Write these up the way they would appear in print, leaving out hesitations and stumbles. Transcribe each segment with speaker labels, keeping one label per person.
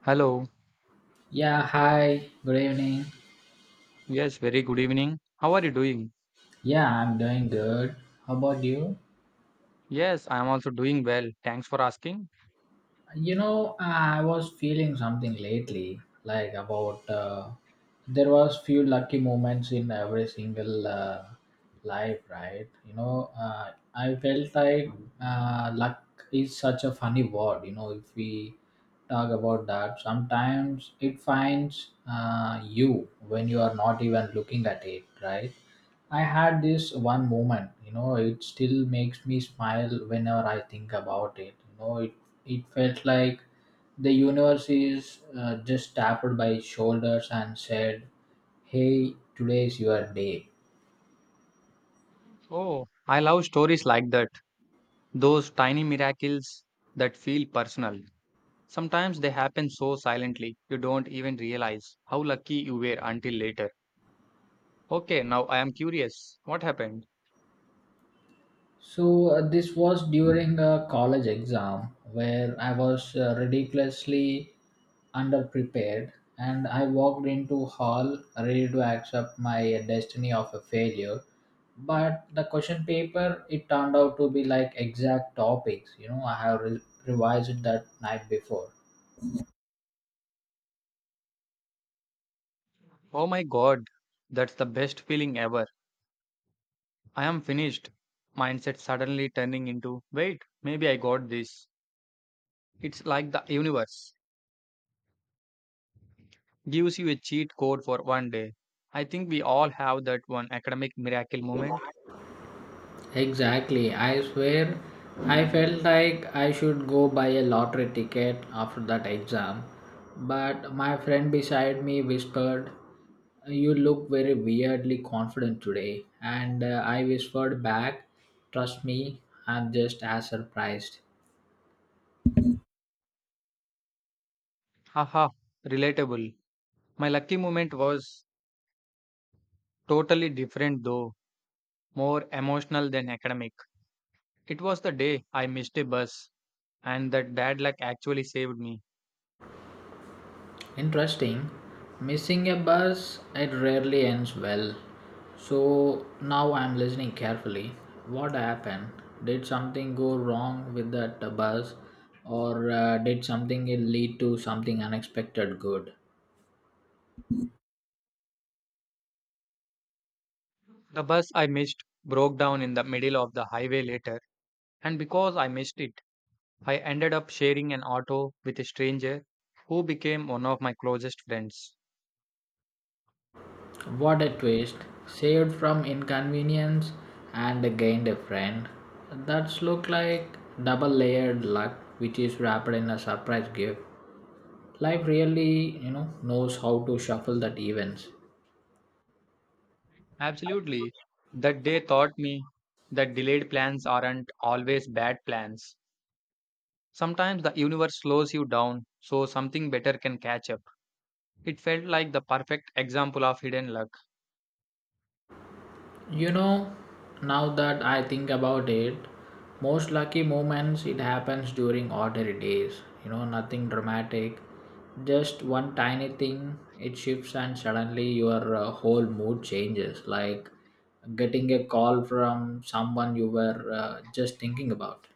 Speaker 1: Hello.
Speaker 2: Yeah, hi, good evening.
Speaker 1: Yes, very good evening. How are you doing?
Speaker 2: Yeah, I'm doing good. How about you?
Speaker 1: Yes, I am also doing well. Thanks for asking.
Speaker 2: You know, I was feeling something lately, like about there was few lucky moments in every single life, right? I felt like luck is such a funny word. You know, if we talk about that, sometimes it finds you when you are not even looking at it, right? I had this one moment, you know, it still makes me smile whenever I think about it. It felt like the universe is just tapped by its shoulders and said, hey, today is your day.
Speaker 1: Oh, I love stories like that. Those tiny miracles that feel personal. Sometimes they happen so silently, you don't even realize how lucky you were until later. Okay, now I am curious. What happened?
Speaker 2: So, this was during a college exam where I was ridiculously underprepared, and I walked into hall ready to accept my destiny of a failure, but the question paper, it turned out to be like exact topics. You know, revised it that night before.
Speaker 1: Oh my god, that's the best feeling ever. I am finished. Mindset suddenly turning into, wait, maybe I got this. It's like the universe gives you a cheat code for one day. I think we all have that one academic miracle moment.
Speaker 2: Exactly, I swear. I felt like I should go buy a lottery ticket after that exam, but my friend beside me whispered, you look very weirdly confident today, and I whispered back, trust me, I'm just as surprised.
Speaker 1: Haha, relatable. My lucky moment was totally different though, more emotional than academic. It was the day I missed a bus, and that bad luck actually saved me.
Speaker 2: Interesting. Missing a bus, it rarely ends well. So now I'm listening carefully. What happened? Did something go wrong with that bus, or did something lead to something unexpected good?
Speaker 1: The bus I missed broke down in the middle of the highway later, and because I missed it, I ended up sharing an auto with a stranger who became one of my closest friends.
Speaker 2: What a twist! Saved from inconvenience and gained a friend. That's look like double layered luck, which is wrapped in a surprise gift. Life really, you know, knows how to shuffle that events.
Speaker 1: Absolutely. That day taught me that delayed plans aren't always bad plans. Sometimes the universe slows you down so something better can catch up. It felt like the perfect example of hidden luck.
Speaker 2: You know, now that I think about it, most lucky moments it happens during ordinary days. You know, nothing dramatic, just one tiny thing. It shifts and suddenly your whole mood changes. Like getting a call from someone you were just thinking about.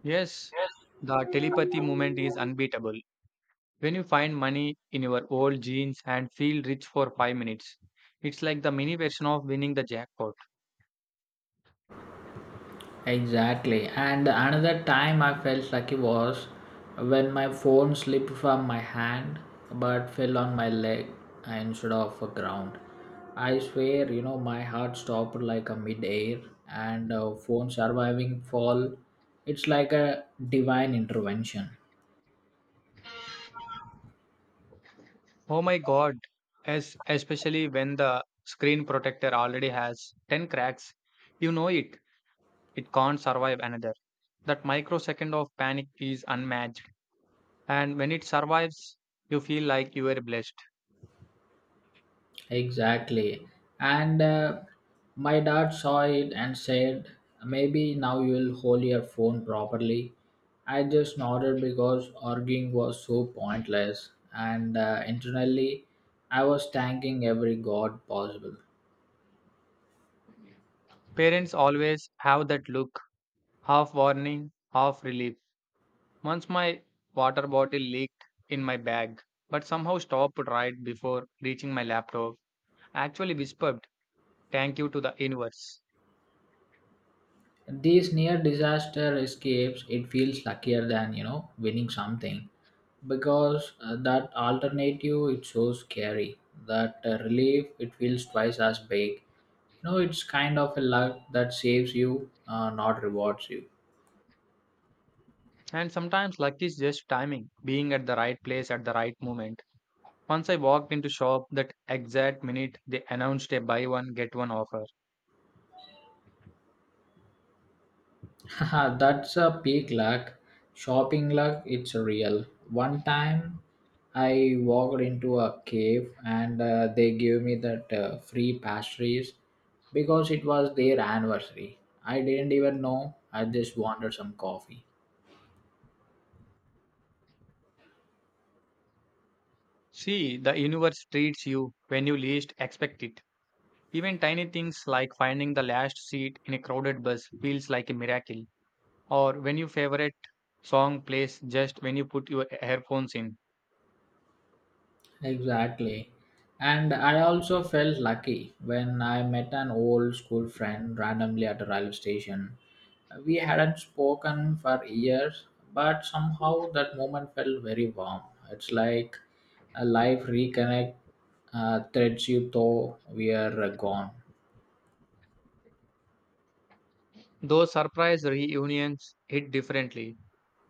Speaker 1: Yes, the telepathy movement is unbeatable. When you find money in your old jeans and feel rich for 5 minutes, it's like the mini version of winning the jackpot.
Speaker 2: Exactly. And another time I felt lucky was when my phone slipped from my hand but fell on my leg instead of a ground. I swear, you know, my heart stopped like a mid-air and phone surviving fall. It's like a divine intervention.
Speaker 1: Oh my god, as especially when the screen protector already has 10 cracks, you know it it can't survive another. That microsecond of panic is unmatched. And when it survives, you feel like you are blessed.
Speaker 2: Exactly. And my dad saw it and said, maybe now you'll hold your phone properly. I just nodded because arguing was so pointless. And internally, I was thanking every god possible.
Speaker 1: Parents always have that look, half warning, half relief. Once my water bottle leaked in my bag, but somehow stopped right before reaching my laptop. I actually whispered, "Thank you" to the universe.
Speaker 2: These near disaster escapes, it feels luckier than, you know, winning something, because that alternative, it's so scary, that relief, it feels twice as big. You know, it's kind of a luck that saves you, not rewards you.
Speaker 1: And sometimes luck is just timing, being at the right place at the right moment. Once I walked into shop that exact minute they announced a buy one get one offer.
Speaker 2: Haha, that's a peak luck. Shopping luck, it's real. One time I walked into a cave, and they gave me that free pastries because it was their anniversary. I didn't even know, I just wanted some coffee.
Speaker 1: See, the universe treats you when you least expect it. Even tiny things like finding the last seat in a crowded bus feels like a miracle, or when your favorite song plays just when you put your earphones in.
Speaker 2: Exactly. And I also felt lucky when I met an old school friend randomly at a railway station. We hadn't spoken for years, but somehow that moment felt very warm. It's like a life reconnect threads you though we are gone.
Speaker 1: Those surprise reunions hit differently.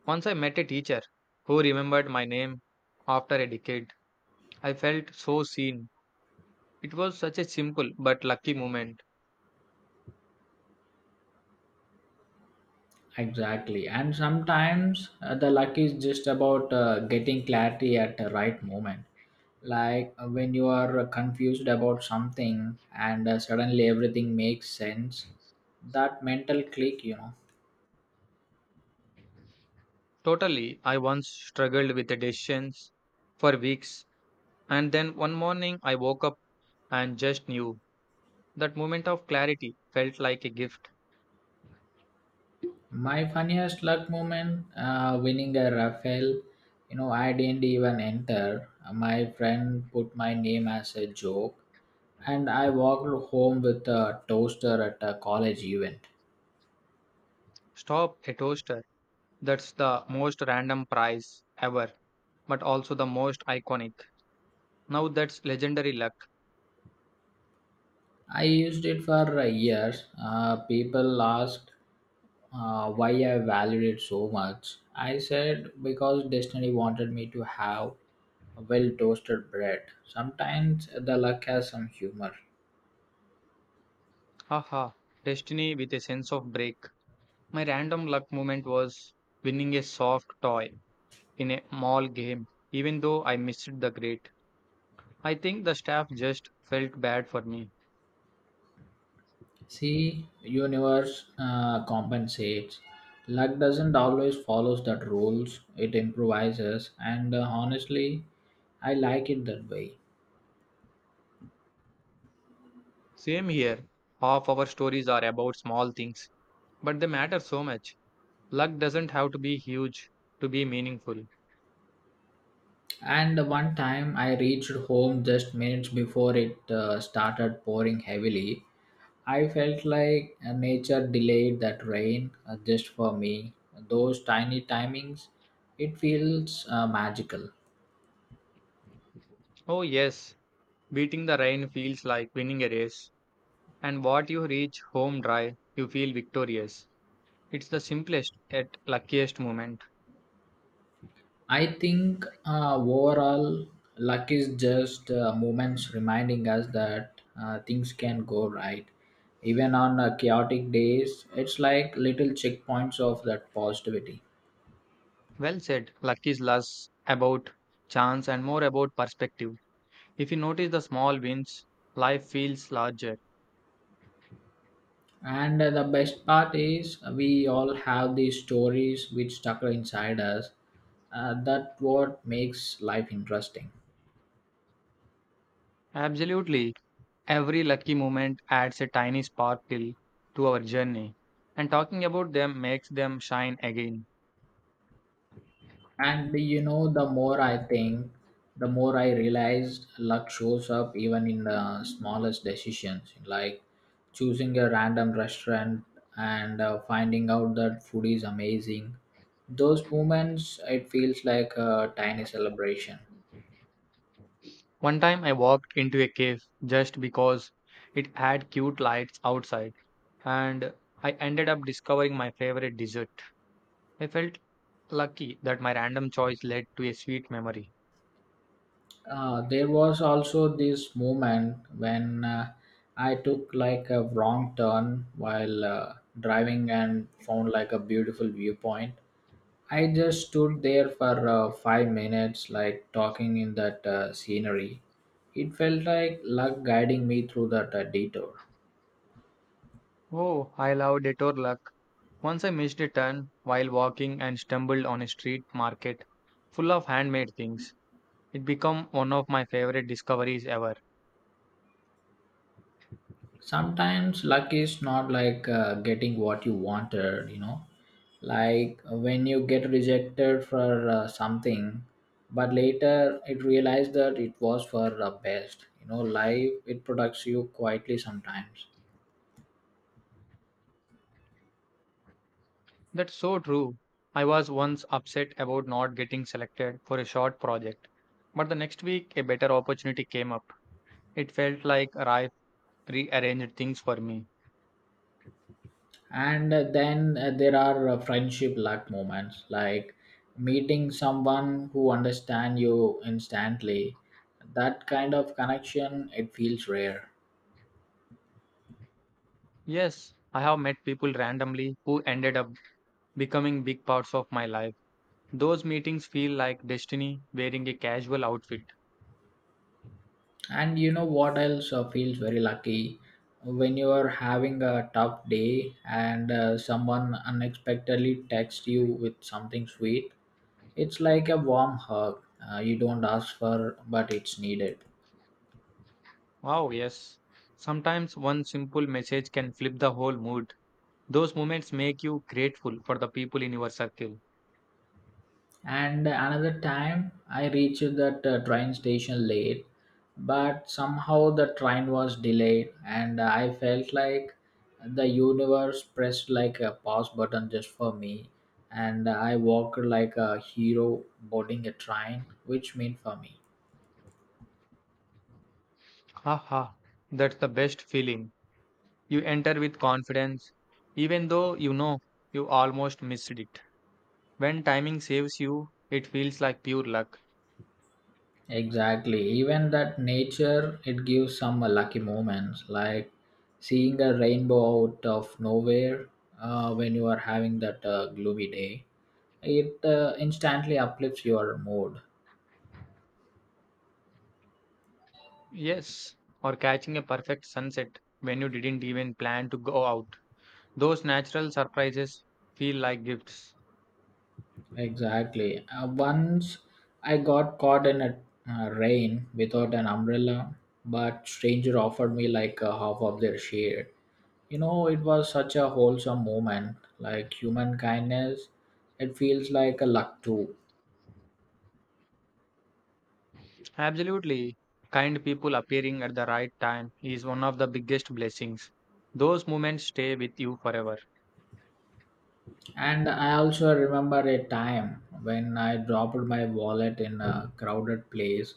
Speaker 1: Once I met a teacher who remembered my name after a decade. I felt so seen. It was such a simple but lucky moment.
Speaker 2: Exactly. And sometimes the luck is just about getting clarity at the right moment. Like when you are confused about something, and suddenly everything makes sense, that mental click, you know.
Speaker 1: Totally, I once struggled with the decisions for weeks and then one morning I woke up and just knew. That moment of clarity felt like a gift.
Speaker 2: My funniest luck moment, winning a raffle. You know, I didn't even enter. My friend put my name as a joke, and I walked home with a toaster at a college event.
Speaker 1: Stop, a toaster. That's the most random prize ever, but also the most iconic. Now that's legendary luck.
Speaker 2: I used it for years. People asked why I valued it so much. I said, because destiny wanted me to have a well toasted bread. Sometimes the luck has some humor.
Speaker 1: Haha, destiny with a sense of break. My random luck moment was winning a soft toy in a mall game, even though I missed the grade. I think the staff just felt bad for me.
Speaker 2: See, universe compensates. Luck doesn't always follows that rules. It improvises, and honestly, I like it that way.
Speaker 1: Same here. Half our stories are about small things, but they matter so much. Luck doesn't have to be huge to be meaningful.
Speaker 2: And one time I reached home just minutes before it started pouring heavily. I felt like nature delayed that rain just for me. Those tiny timings, it feels magical.
Speaker 1: Oh, yes, beating the rain feels like winning a race, and what you reach home dry, you feel victorious. It's the simplest yet luckiest moment.
Speaker 2: I think overall, luck is just moments reminding us that things can go right. Even on chaotic days, it's like little checkpoints of that positivity.
Speaker 1: Well said, luck is less about chance and more about perspective. If you notice the small wins, life feels larger.
Speaker 2: And the best part is, we all have these stories which stuck inside us. That what makes life interesting.
Speaker 1: Absolutely, every lucky moment adds a tiny sparkle to our journey, and talking about them makes them shine again.
Speaker 2: And you know, the more I think, the more I realized luck shows up even in the smallest decisions, like choosing a random restaurant and finding out that food is amazing. Those moments, it feels like a tiny celebration.
Speaker 1: One time I walked into a cave just because it had cute lights outside, and I ended up discovering my favorite dessert. I felt lucky that my random choice led to a sweet memory.
Speaker 2: There was also this moment when I took like a wrong turn while driving and found like a beautiful viewpoint. I just stood there for 5 minutes, like talking in that scenery. It felt like luck guiding me through that detour.
Speaker 1: Oh, I love detour luck. Once I missed a turn while walking and stumbled on a street market full of handmade things. It became one of my favorite discoveries ever.
Speaker 2: Sometimes luck is not like getting what you wanted, you know, like when you get rejected for something, but later it realized that it was for the best. You know, life it protects you quietly sometimes.
Speaker 1: That's so true. I was once upset about not getting selected for a short project, but the next week a better opportunity came up. It felt like life rearranged things for me.
Speaker 2: And then there are friendship luck moments like meeting someone who understand you instantly. That kind of connection, it feels rare.
Speaker 1: Yes, I have met people randomly who ended up becoming big parts of my life. Those meetings feel like destiny wearing a casual outfit.
Speaker 2: And you know what else feels very lucky, when you are having a tough day and someone unexpectedly texts you with something sweet. It's like a warm hug. You don't ask for, but it's needed.
Speaker 1: Wow, yes. Sometimes one simple message can flip the whole mood. Those moments make you grateful for the people in your circle.
Speaker 2: And another time, I reached that train station late, but somehow the train was delayed, and I felt like the universe pressed like a pause button just for me. And I walked like a hero boarding a train, which meant for me.
Speaker 1: Haha, that's the best feeling. You enter with confidence, even though you know you almost missed it. When timing saves you, it feels like pure luck.
Speaker 2: Exactly. Even that nature, it gives some lucky moments, like seeing a rainbow out of nowhere when you are having that gloomy day. It instantly uplifts your mood.
Speaker 1: Yes, or catching a perfect sunset when you didn't even plan to go out. Those natural surprises feel like gifts.
Speaker 2: Exactly. Once I got caught in a rain without an umbrella, but stranger offered me like a half of their shade. You know, it was such a wholesome moment, like human kindness, it feels like a luck too.
Speaker 1: Absolutely. Kind people appearing at the right time is one of the biggest blessings. Those moments stay with you forever.
Speaker 2: And I also remember a time when I dropped my wallet in a crowded place,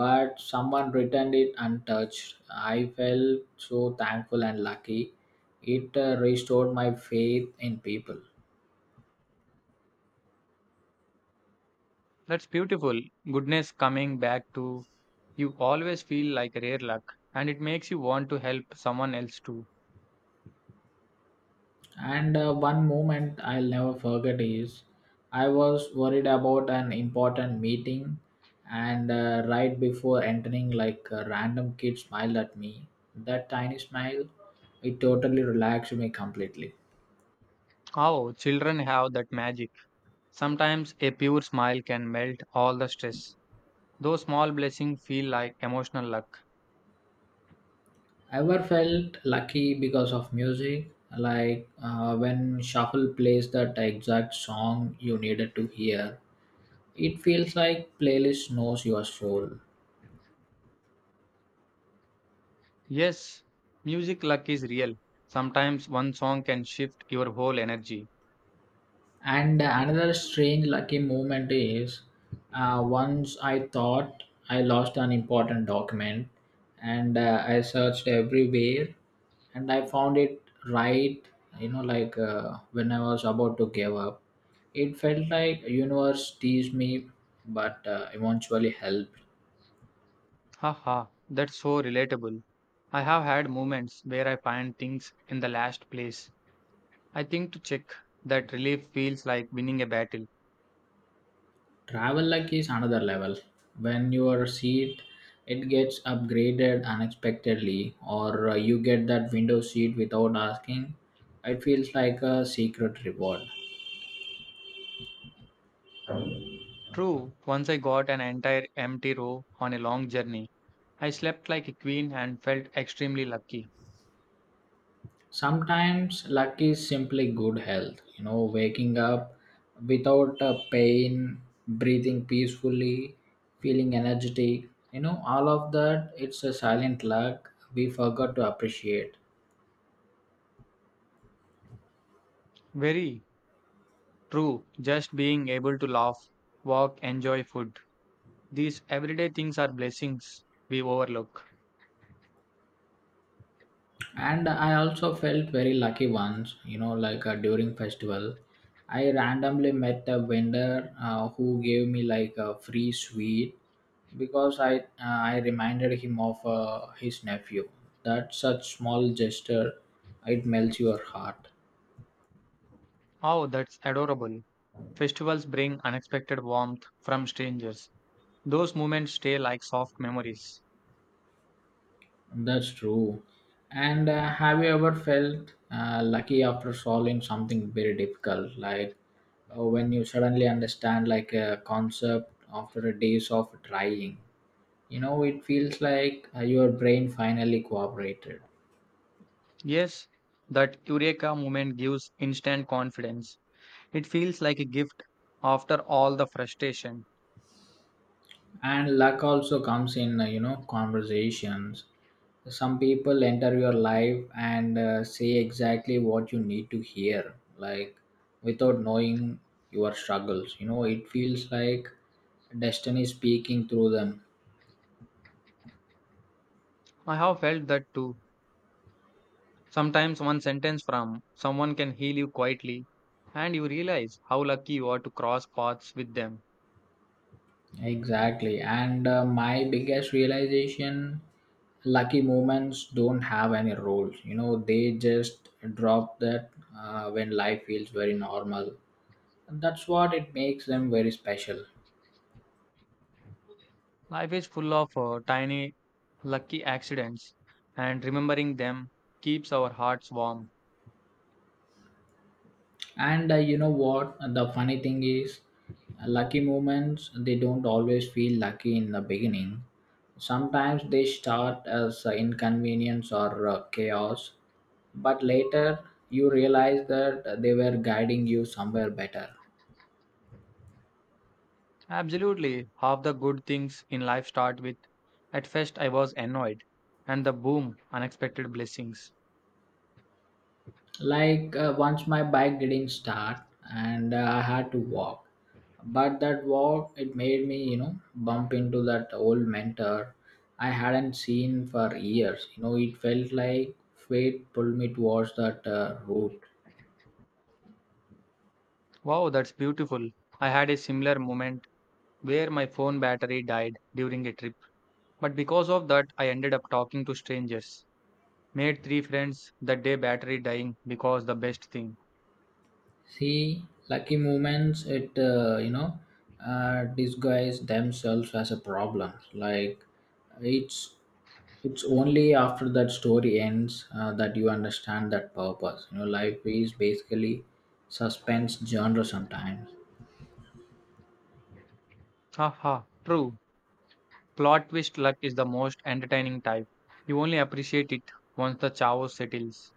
Speaker 2: but someone returned it untouched. I felt so thankful and lucky. It restored my faith in people.
Speaker 1: That's beautiful. Goodness coming back to you always feel like rare luck and it makes you want to help someone else too.
Speaker 2: And one moment I'll never forget is I was worried about an important meeting, and right before entering, like a random kid smiled at me. That tiny smile, it totally relaxed me completely.
Speaker 1: Oh, children have that magic. Sometimes a pure smile can melt all the stress. Those small blessings feel like emotional luck.
Speaker 2: Ever felt lucky because of music, like when shuffle plays that exact song you needed to hear. It feels like playlist knows your soul.
Speaker 1: Yes, music luck is real. Sometimes one song can shift your whole energy.
Speaker 2: And another strange lucky moment is, once I thought I lost an important document, and I searched everywhere, and I found it right, you know, like when I was about to give up. It felt like universe teased me, but eventually helped.
Speaker 1: Haha, that's so relatable. I have had moments where I find things in the last place I think to check. That relief feels like winning a battle.
Speaker 2: Travel luck is another level. When your seat, it gets upgraded unexpectedly, or you get that window seat without asking, it feels like a secret reward.
Speaker 1: True, once I got an entire empty row on a long journey. I slept like a queen and felt extremely lucky.
Speaker 2: Sometimes luck is simply good health. You know, waking up without a pain, breathing peacefully, feeling energetic. You know, all of that. It's a silent luck we forgot to appreciate.
Speaker 1: Very true, just being able to laugh, walk, enjoy food. These everyday things are blessings we overlook.
Speaker 2: And I also felt very lucky once, you know, like during festival I randomly met a vendor who gave me like a free sweet because I reminded him of his nephew. That such small gesture, it melts your heart.
Speaker 1: Oh, that's adorable. Festivals bring unexpected warmth from strangers. Those moments stay like soft memories.
Speaker 2: That's true. And have you ever felt lucky after solving something very difficult, like when you suddenly understand like a concept after a days of trying? You know, it feels like your brain finally cooperated.
Speaker 1: Yes, that eureka moment gives instant confidence. It feels like a gift after all the frustration.
Speaker 2: And luck also comes in, you know, conversations. Some people enter your life and say exactly what you need to hear, like without knowing your struggles. You know, it feels like destiny speaking through them.
Speaker 1: I have felt that too. Sometimes one sentence from someone can heal you quietly, and you realize how lucky you are to cross paths with them.
Speaker 2: Exactly. And my biggest realization, lucky moments don't have any roles. You know, they just drop that when life feels very normal. And that's what it makes them very special.
Speaker 1: Life is full of tiny lucky accidents, and remembering them keeps our hearts warm.
Speaker 2: And you know what? The funny thing is, lucky moments, they don't always feel lucky in the beginning. Sometimes they start as inconvenience or chaos, but later you realize that they were guiding you somewhere better.
Speaker 1: Absolutely, half the good things in life start with "at first I was annoyed," and the boom, unexpected blessings.
Speaker 2: Like once my bike didn't start, and I had to walk, but that walk it made me, you know, bump into that old mentor I hadn't seen for years. You know, it felt like fate pulled me towards that route.
Speaker 1: Wow, that's beautiful. I had a similar moment where my phone battery died during a trip, but because of that, I ended up talking to strangers. Made three friends that day, battery dying because the best thing.
Speaker 2: See, lucky moments it, disguise themselves as a problem. Like, it's it's only after that story ends that you understand that purpose. You know, life is basically suspense genre sometimes.
Speaker 1: Haha, true. Plot twist luck is the most entertaining type. You only appreciate it once the chaos settles.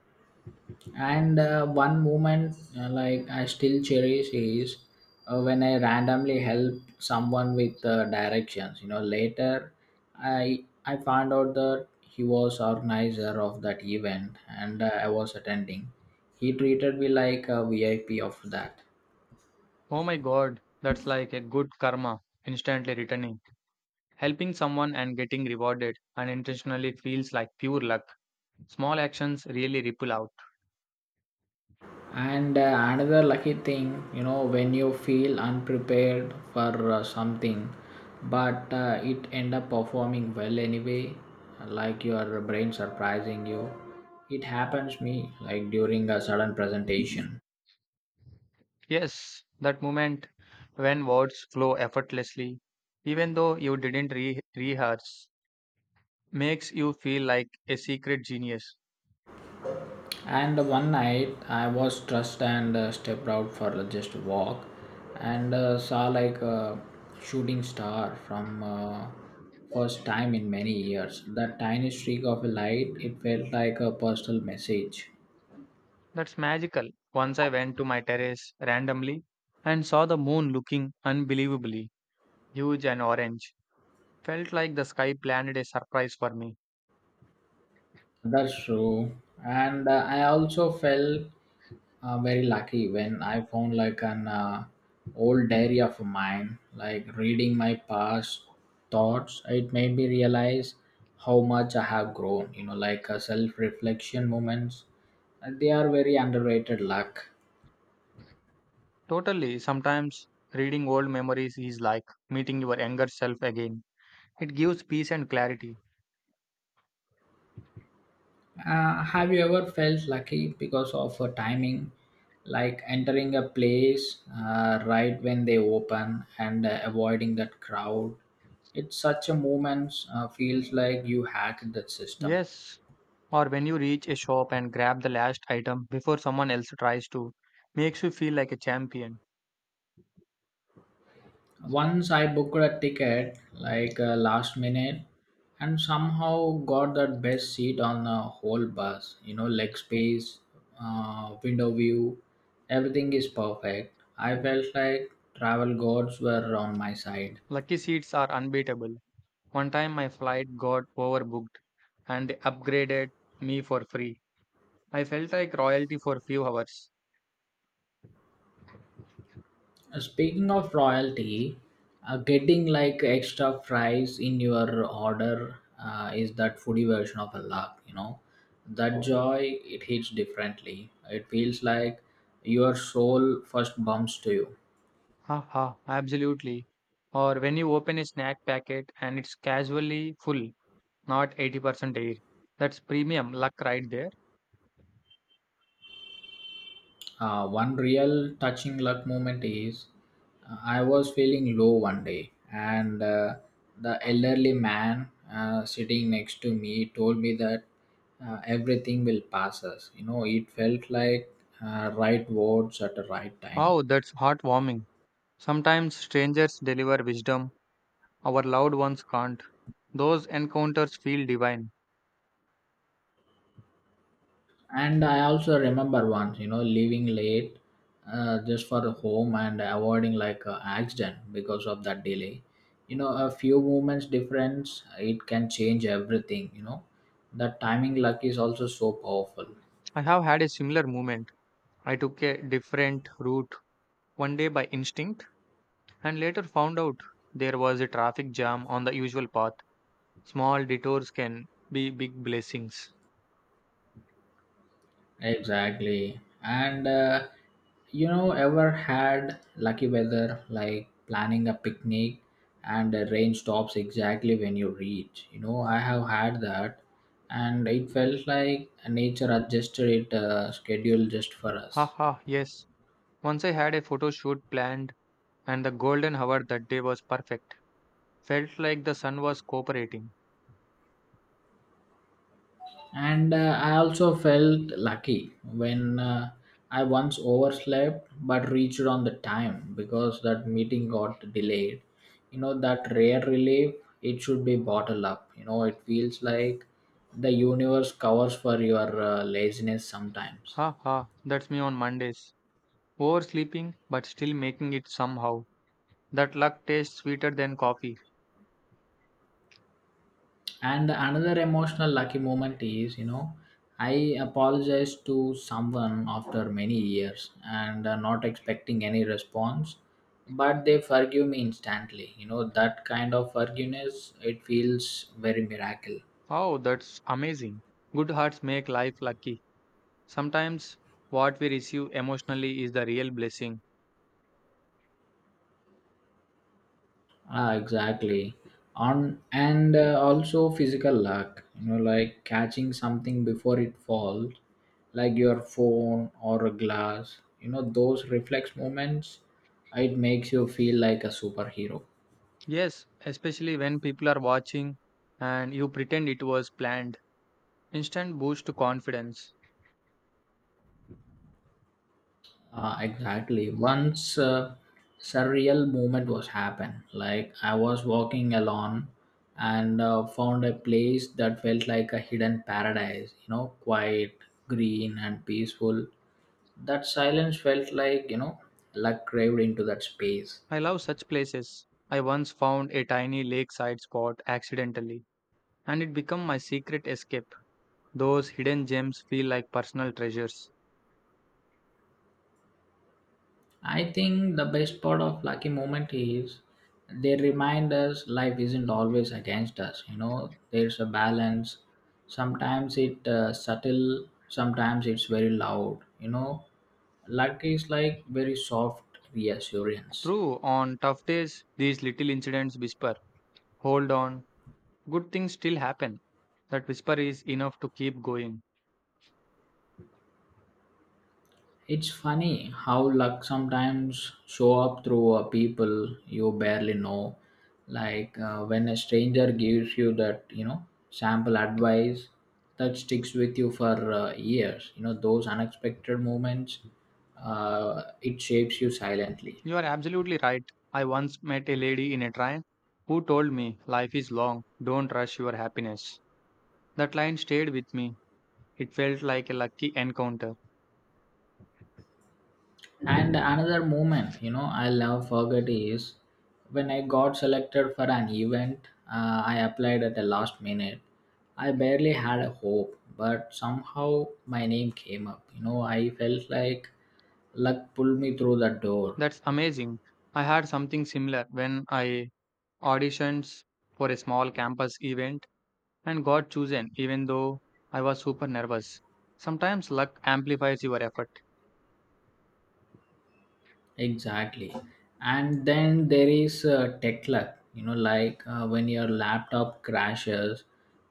Speaker 2: And one moment, like I still cherish is when I randomly help someone with directions. You know, later I found out that he was organizer of that event and I was attending. He treated me like a VIP of that.
Speaker 1: Oh my god, that's like a good karma instantly returning. Helping someone and getting rewarded unintentionally feels like pure luck. Small actions really ripple out.
Speaker 2: And Another lucky thing, you know, when you feel unprepared for something, but it end up performing well anyway, like your brain surprising you. It happens me like during a sudden presentation.
Speaker 1: Yes, that moment when words flow effortlessly, even though you didn't rehearse, makes you feel like a secret genius.
Speaker 2: And one night I was stressed and stepped out for just a walk and saw like a shooting star from first time in many years. That tiny streak of light, it felt like a personal message.
Speaker 1: That's magical. Once I went to my terrace randomly and saw the moon looking unbelievably huge and orange. Felt like the sky planned a surprise for me.
Speaker 2: That's true. And I also felt very lucky when I found like an old diary of mine, like reading my past thoughts. It made me realize how much I have grown, you know, like self reflection moments. And they are very underrated luck.
Speaker 1: Totally, sometimes reading old memories is like meeting your younger self again. It gives peace and clarity.
Speaker 2: Have you ever felt lucky because of timing, like entering a place right when they open and avoiding that crowd? It's such a moment, feels like you hacked that system.
Speaker 1: Yes, or when you reach a shop and grab the last item before someone else tries to, makes you feel like a champion.
Speaker 2: Once I booked a ticket, like last minute, and somehow got that best seat on the whole bus. You know, leg space, window view, everything is perfect. I felt like travel gods were on my side.
Speaker 1: Lucky seats are unbeatable. One time my flight got overbooked and they upgraded me for free. I felt like royalty for a few hours.
Speaker 2: Speaking of royalty, getting like extra fries in your order is that foodie version of a luck, you know. That joy, it hits differently. It feels like your soul first bumps to you.
Speaker 1: Haha, absolutely. Or when you open a snack packet and it's casually full, not 80% air. That's premium luck right there.
Speaker 2: One real touching luck moment is I was feeling low one day, and the elderly man sitting next to me told me that everything will pass us. You know, it felt like right words at the right time.
Speaker 1: Oh, that's heartwarming. Sometimes strangers deliver wisdom our loved ones can't. Those encounters feel divine.
Speaker 2: And I also remember once, you know, leaving late just for home and avoiding like a accident because of that delay. You know, a few moments difference, it can change everything, you know. That timing luck is also so powerful.
Speaker 1: I have had a similar moment. I took a different route one day by instinct and later found out there was a traffic jam on the usual path. Small detours can be big blessings.
Speaker 2: Exactly. And You know, ever had lucky weather like planning a picnic and the rain stops exactly when you reach? You know, I have had that, and it felt like nature adjusted its schedule just for us.
Speaker 1: Haha, yes. Once I had a photo shoot planned, and the golden hour that day was perfect. Felt like the sun was cooperating.
Speaker 2: And I also felt lucky when I once overslept but reached on the time because that meeting got delayed. You know, that rare relief, it should be bottled up, you know. It feels like the universe covers for your laziness sometimes.
Speaker 1: Haha, that's me on Mondays. Oversleeping, but still making it somehow. That luck tastes sweeter than coffee.
Speaker 2: And another emotional lucky moment is, you know, I apologized to someone after many years and not expecting any response, but they forgive me instantly. You know, that kind of forgiveness, it feels very miracle.
Speaker 1: Oh, that's amazing. Good hearts make life lucky. Sometimes what we receive emotionally is the real blessing.
Speaker 2: Ah, exactly. On and also physical luck. You know, like catching something before it falls, like your phone or a glass. You know, those reflex moments. It makes you feel like a superhero.
Speaker 1: Yes, especially when people are watching and you pretend it was planned. Instant boost to confidence.
Speaker 2: Exactly. Once surreal moment was happened. Like I was walking alone and found a place that felt like a hidden paradise. You know, quiet, green, and peaceful. That silence felt like, you know, luck craved into that space.
Speaker 1: I love such places. I once found a tiny lakeside spot accidentally, and it became my secret escape. Those hidden gems feel like personal treasures.
Speaker 2: I think the best part of lucky moment is they remind us life isn't always against us, you know. There's a balance. Sometimes it subtle, sometimes it's very loud, you know. Luck is like very soft reassurance.
Speaker 1: True, on tough days, these little incidents whisper, "Hold on, good things still happen." That whisper is enough to keep going.
Speaker 2: It's funny how luck sometimes show up through people you barely know. Like when a stranger gives you that, you know, sample advice that sticks with you for years. You know, those unexpected moments, it shapes you silently.
Speaker 1: You are absolutely right. I once met a lady in a train who told me, "Life is long, don't rush your happiness." That line stayed with me. It felt like a lucky encounter.
Speaker 2: And another moment, you know, I'll never forget is when I got selected for an event, I applied at the last minute. I barely had a hope, but somehow my name came up. You know, I felt like luck pulled me through the door.
Speaker 1: That's amazing. I had something similar when I auditioned for a small campus event and got chosen, even though I was super nervous. Sometimes luck amplifies your effort.
Speaker 2: Exactly. And then there is tech luck, you know, like when your laptop crashes,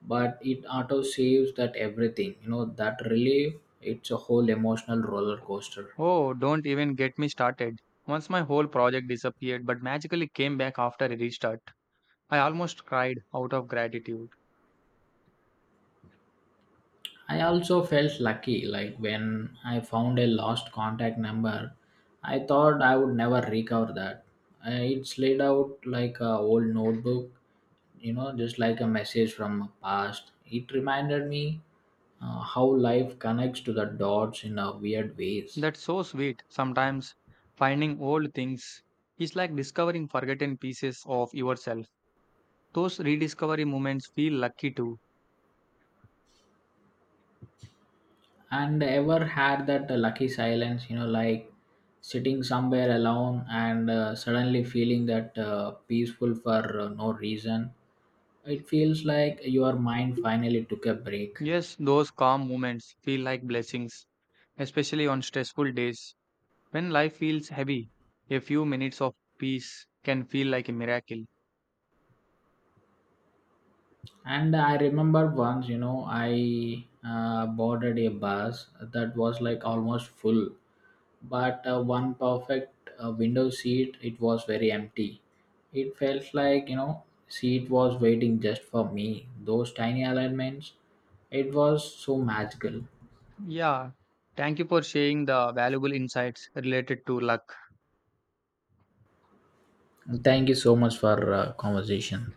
Speaker 2: but it auto saves that everything, you know, that relief, it's a whole emotional roller coaster.
Speaker 1: Oh, don't even get me started. Once my whole project disappeared but magically came back after a restart, I almost cried out of gratitude.
Speaker 2: I also felt lucky, like when I found a lost contact number, I thought I would never recover that. It slid out like a old notebook, you know, just like a message from a past. It reminded me how life connects to the dots in a weird ways.
Speaker 1: That's so sweet. Sometimes finding old things is like discovering forgotten pieces of yourself. Those rediscovery moments feel lucky too.
Speaker 2: And ever had that lucky silence, you know, like sitting somewhere alone and suddenly feeling that peaceful for no reason. It feels like your mind finally took a break.
Speaker 1: Yes, those calm moments feel like blessings, especially on stressful days. When life feels heavy, a few minutes of peace can feel like a miracle.
Speaker 2: And I remember once, you know, I boarded a bus that was like almost full, but one perfect window seat, it was very empty. It felt like, you know, seat was waiting just for me. Those tiny alignments, it was so magical.
Speaker 1: Yeah, thank you for sharing the valuable insights related to luck.
Speaker 2: And thank you so much for conversation.